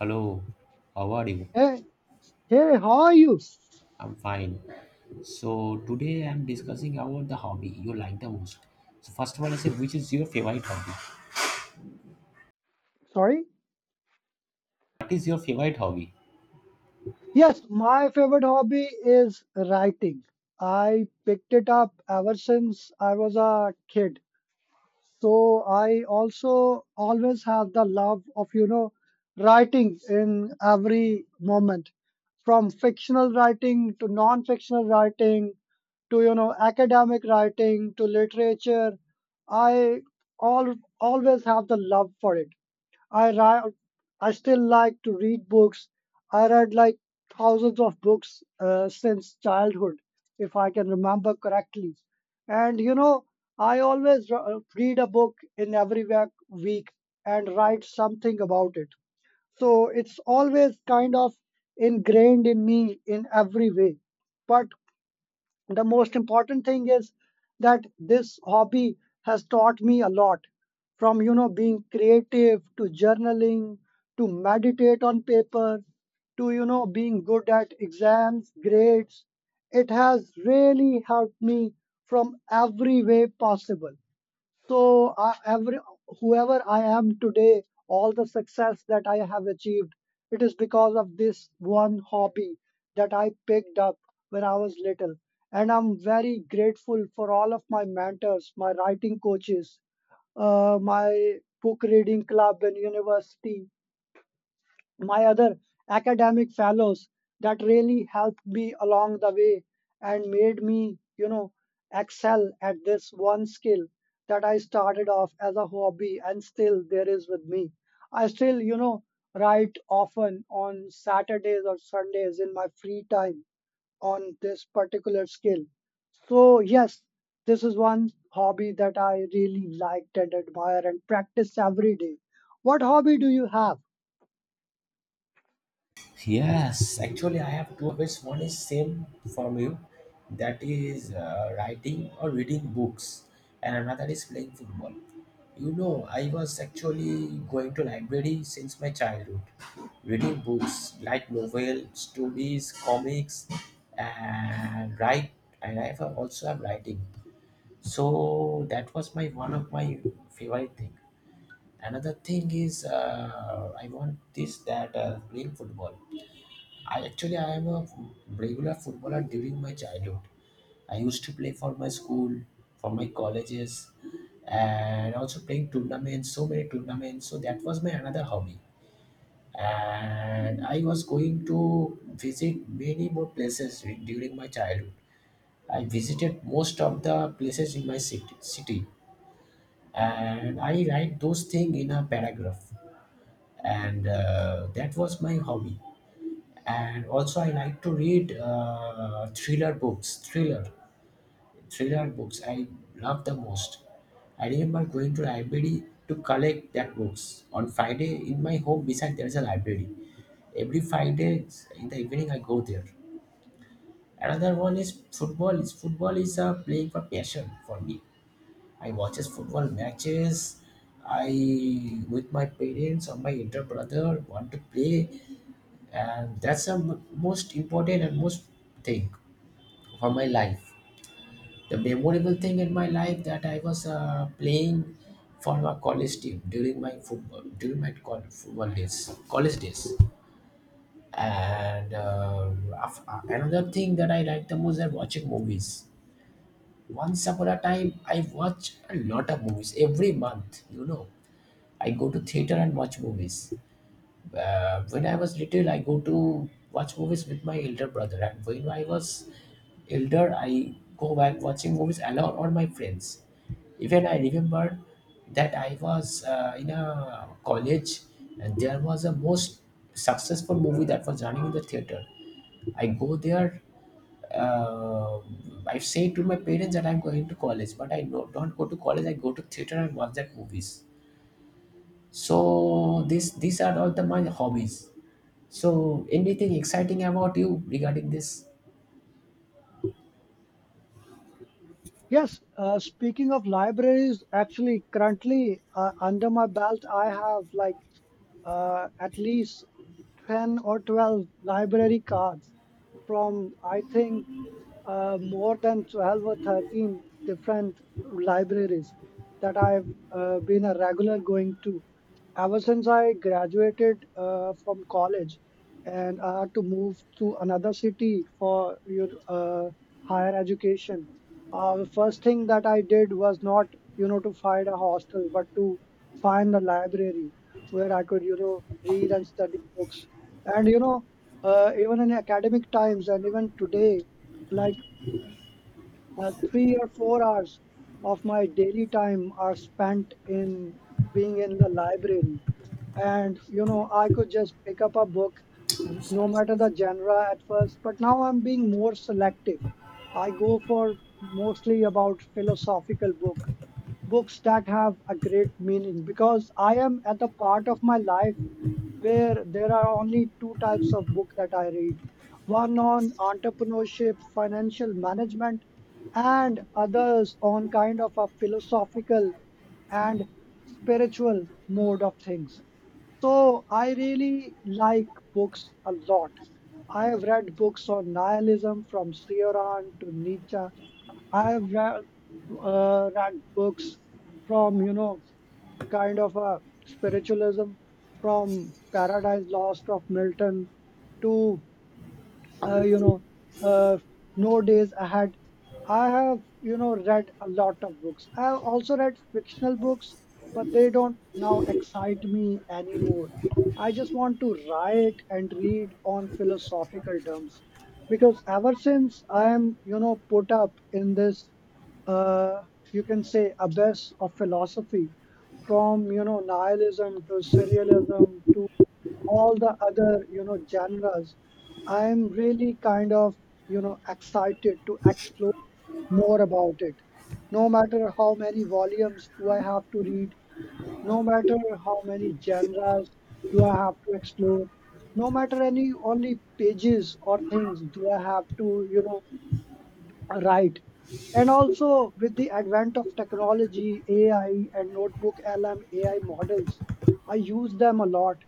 Hello, how are you? Hey, hey, how are you? I'm fine. So today I'm discussing about the hobby you like the most. So first of all, I said, which is your favorite hobby? Sorry? What is your favorite hobby? Yes, my favorite hobby is writing. I picked it up ever since I was a kid. So I also always have the love of, you know, writing in every moment, from fictional writing to non-fictional writing to, you know, academic writing to literature. I all always have the love for it. I ri I still like to read books. I read like thousands of books since childhood, if I can remember correctly. And you know, I always read a book in every week and write something about it. So it's always kind of ingrained in me in every way. But the most important thing is that this hobby has taught me a lot, from you know being creative to journaling, to meditate on paper, to you know being good at exams grades. It has really helped me from every way possible. So, uh, every whoever I am today, all the success that I have achieved, it is because of this one hobby that I picked up when I was little. And I'm very grateful for all of my mentors, my writing coaches, my book reading club in university, my other academic fellows that really helped me along the way and made me, you know, excel at this one skill that I started off as a hobby and still there is with me. I still, you know, write often on Saturdays or Sundays in my free time on this particular skill. So yes, this is one hobby that I really liked and admire and practice every day. What hobby do you have? Yes, actually, I have two habits. One is same from you, that is writing or reading books, and another is playing football. You know, I was actually going to library since my childhood, reading books like novel, stories, comics, and write. And I have also have writing. So that was my one of my favorite thing. Another thing is I want this that playing football. I am a regular footballer during my childhood. I used to play for my school, for my colleges, and also playing tournaments, so many tournaments. So that was my another hobby. And I was going to visit many more places during my childhood. I visited most of the places in my city and I write those things in a paragraph. And that was my hobby. And also I like to read thriller books thriller thriller books I love the most. I remember going to library to collect that books on Friday. In my home beside there's a library. Every Friday in the evening I go there. Another one is football is a playing for passion for me. I watches football matches. I with my parents or my elder brother want to play, and that's the most important and most thing for my life. The memorable thing in my life that I was playing for my college team during my football days, college days. And another thing that I like the most is watching movies. Once upon a time I watch a lot of movies every month, you know. I go to theater and watch movies. When I was little, I go to watch movies with my elder brother, and when I was elder, I go back watching movies alone or my friends. Even I remember that I was in a college, and there was a most successful movie that was running in the theater. I go there. Uh, I say to my parents that I'm going to college, but I don't go to college. I go to theater and watch that movies. So this these are all the my hobbies. So, anything exciting about you regarding this? Yes, speaking of libraries, actually, currently, under my belt, I have like, at least 10 or 12 library cards from, I think, more than 12 or 13 different libraries that I've been a regular going to ever since I graduated from college, and I had to move to another city for your higher education. The first thing that I did was not, you know, to find a hostel, but to find a library where I could, you know, read and study books. And, you know, even in academic times and even today, like 3 or 4 hours of my daily time are spent in being in the library. And, you know, I could just pick up a book, no matter the genre at first, but now I'm being more selective. I go for mostly about philosophical book, books that have a great meaning because I am at the part of my life where there are only two types of book that I read. One on entrepreneurship, financial management, and others on kind of a philosophical and spiritual mode of things. So I really like books a lot. I have read books on nihilism from Cioran to Nietzsche. I have read books from, you know, kind of a spiritualism, from Paradise Lost of Milton to uh, you know uh, nowadays. I have, you know, read a lot of books. I have also read fictional books, but they don't now excite me anymore. I just want to write and read on philosophical terms, because ever since I am, you know, put up in this, uh, you can say, abyss of philosophy, from you know nihilism to serialism to all the other, you know, genres, I'm really kind of, you know, excited to explore more about it, no matter how many volumes do I have to read, no matter how many genres do I have to explore, no matter any only pages or things do I have to, you know. Right. And also with the advent of technology, AI and notebook LM AI models, I use them a lot.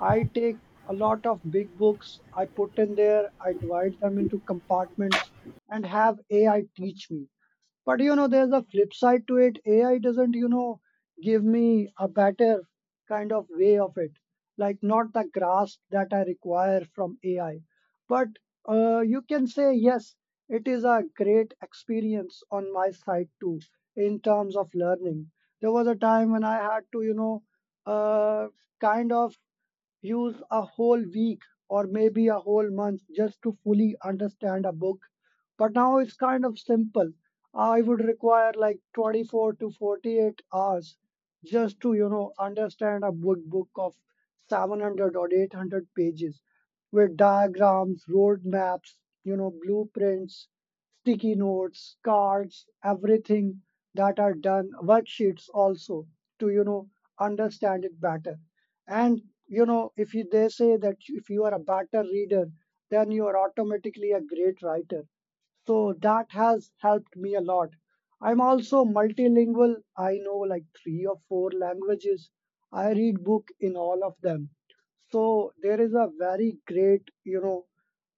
I take a lot of big books, I put in there, I divide them into compartments and have AI teach me. But you know, there's a flip side to it. AI doesn't, you know, give me a better kind of way of it, like not the grasp that I require from AI. But you can say, yes, it is a great experience on my side too, in terms of learning. There was a time when I had to, you know, uh, kind of use a whole week or maybe a whole month just to fully understand a book. But now it's kind of simple. I would require like 24 to 48 hours just to, you know, understand a book of 700 or 800 pages with diagrams, road maps, you know, blueprints, sticky notes, cards, everything that are done, worksheets also, to, you know, understand it better. And you know, if you, they say that if you are a better reader then you are automatically a great writer, so that has helped me a lot. I'm also multilingual. I know like three or four languages. I read book in all of them. So there is a very great, you know,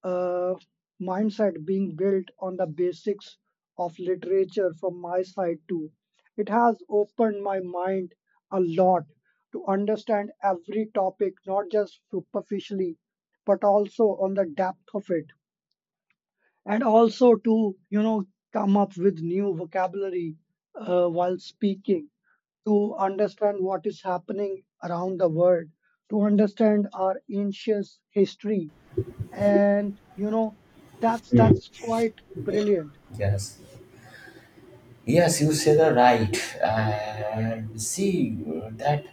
uh, mindset being built on the basics of literature from my side too. It has opened my mind a lot to understand every topic, not just superficially, but also on the depth of it, and also to, you know, come up with new vocabulary while speaking, to understand what is happening around the world, to understand our ancient history, and you know, that's quite brilliant. Yes, yes, you said the right. And see that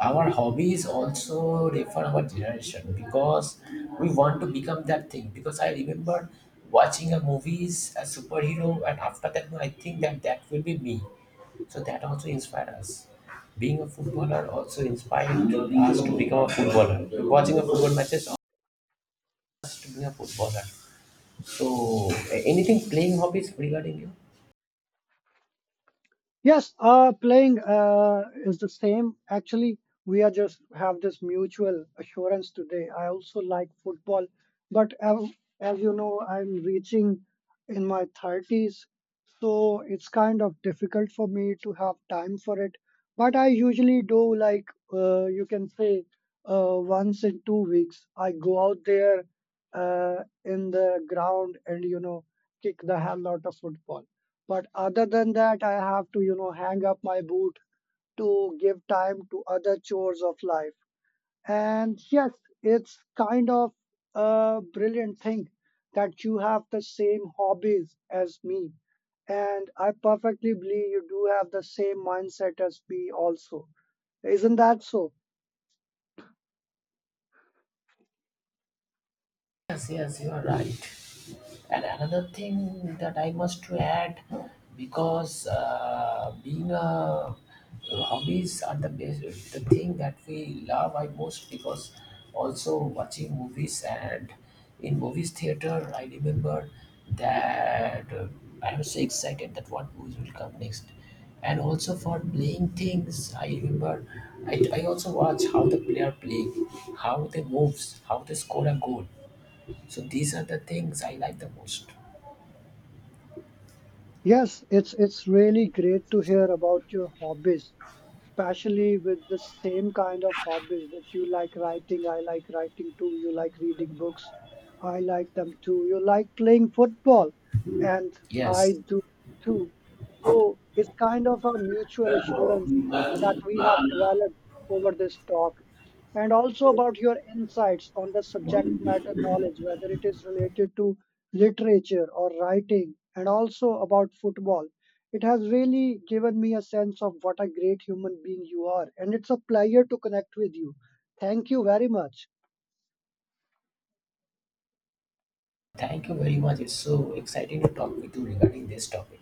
our hobbies also refer our generation, because we want to become that thing. Because I remember watching a movies a superhero, and after that, I think that that will be me. So that also inspired us. Being a footballer also inspired us to become a footballer. Watching a football matches us to be a footballer. So, anything playing hobbies regarding you? Yes, playing is the same. Actually, we are just have this mutual assurance today. I also like football, but as you know, I'm reaching in my 30s, so it's kind of difficult for me to have time for it. But I usually do like, you can say, once in 2 weeks, I go out there in the ground and you know kick the hell out of football. But other than that, I have to, you know, hang up my boot to give time to other chores of life. And yes, it's kind of a brilliant thing that you have the same hobbies as me. And I perfectly believe you do have the same mindset as me also. Isn't that so? Yes, yes, you are right. And another thing that I must to add, because being a hobbies are the best, the thing that we love I most. Because also watching movies and in movies theater I remember that I was so excited that what movies will come next. And also for playing things I remember I also watch how the player play, how they moves, how they score a goal. So these are the things I like the most. Yes, it's really great to hear about your hobbies, especially with the same kind of hobbies that you like. Writing, I like writing too. You like reading books, I like them too. You like playing football, and I Yes, do too. So it's kind of a mutual assurance that we have developed over this talk, and also about your insights on the subject matter knowledge, whether it is related to literature or writing and also about football. It has really given me a sense of what a great human being you are, and it's a pleasure to connect with you. Thank you very much. thank you very much. It's so exciting to talk with you regarding this topic.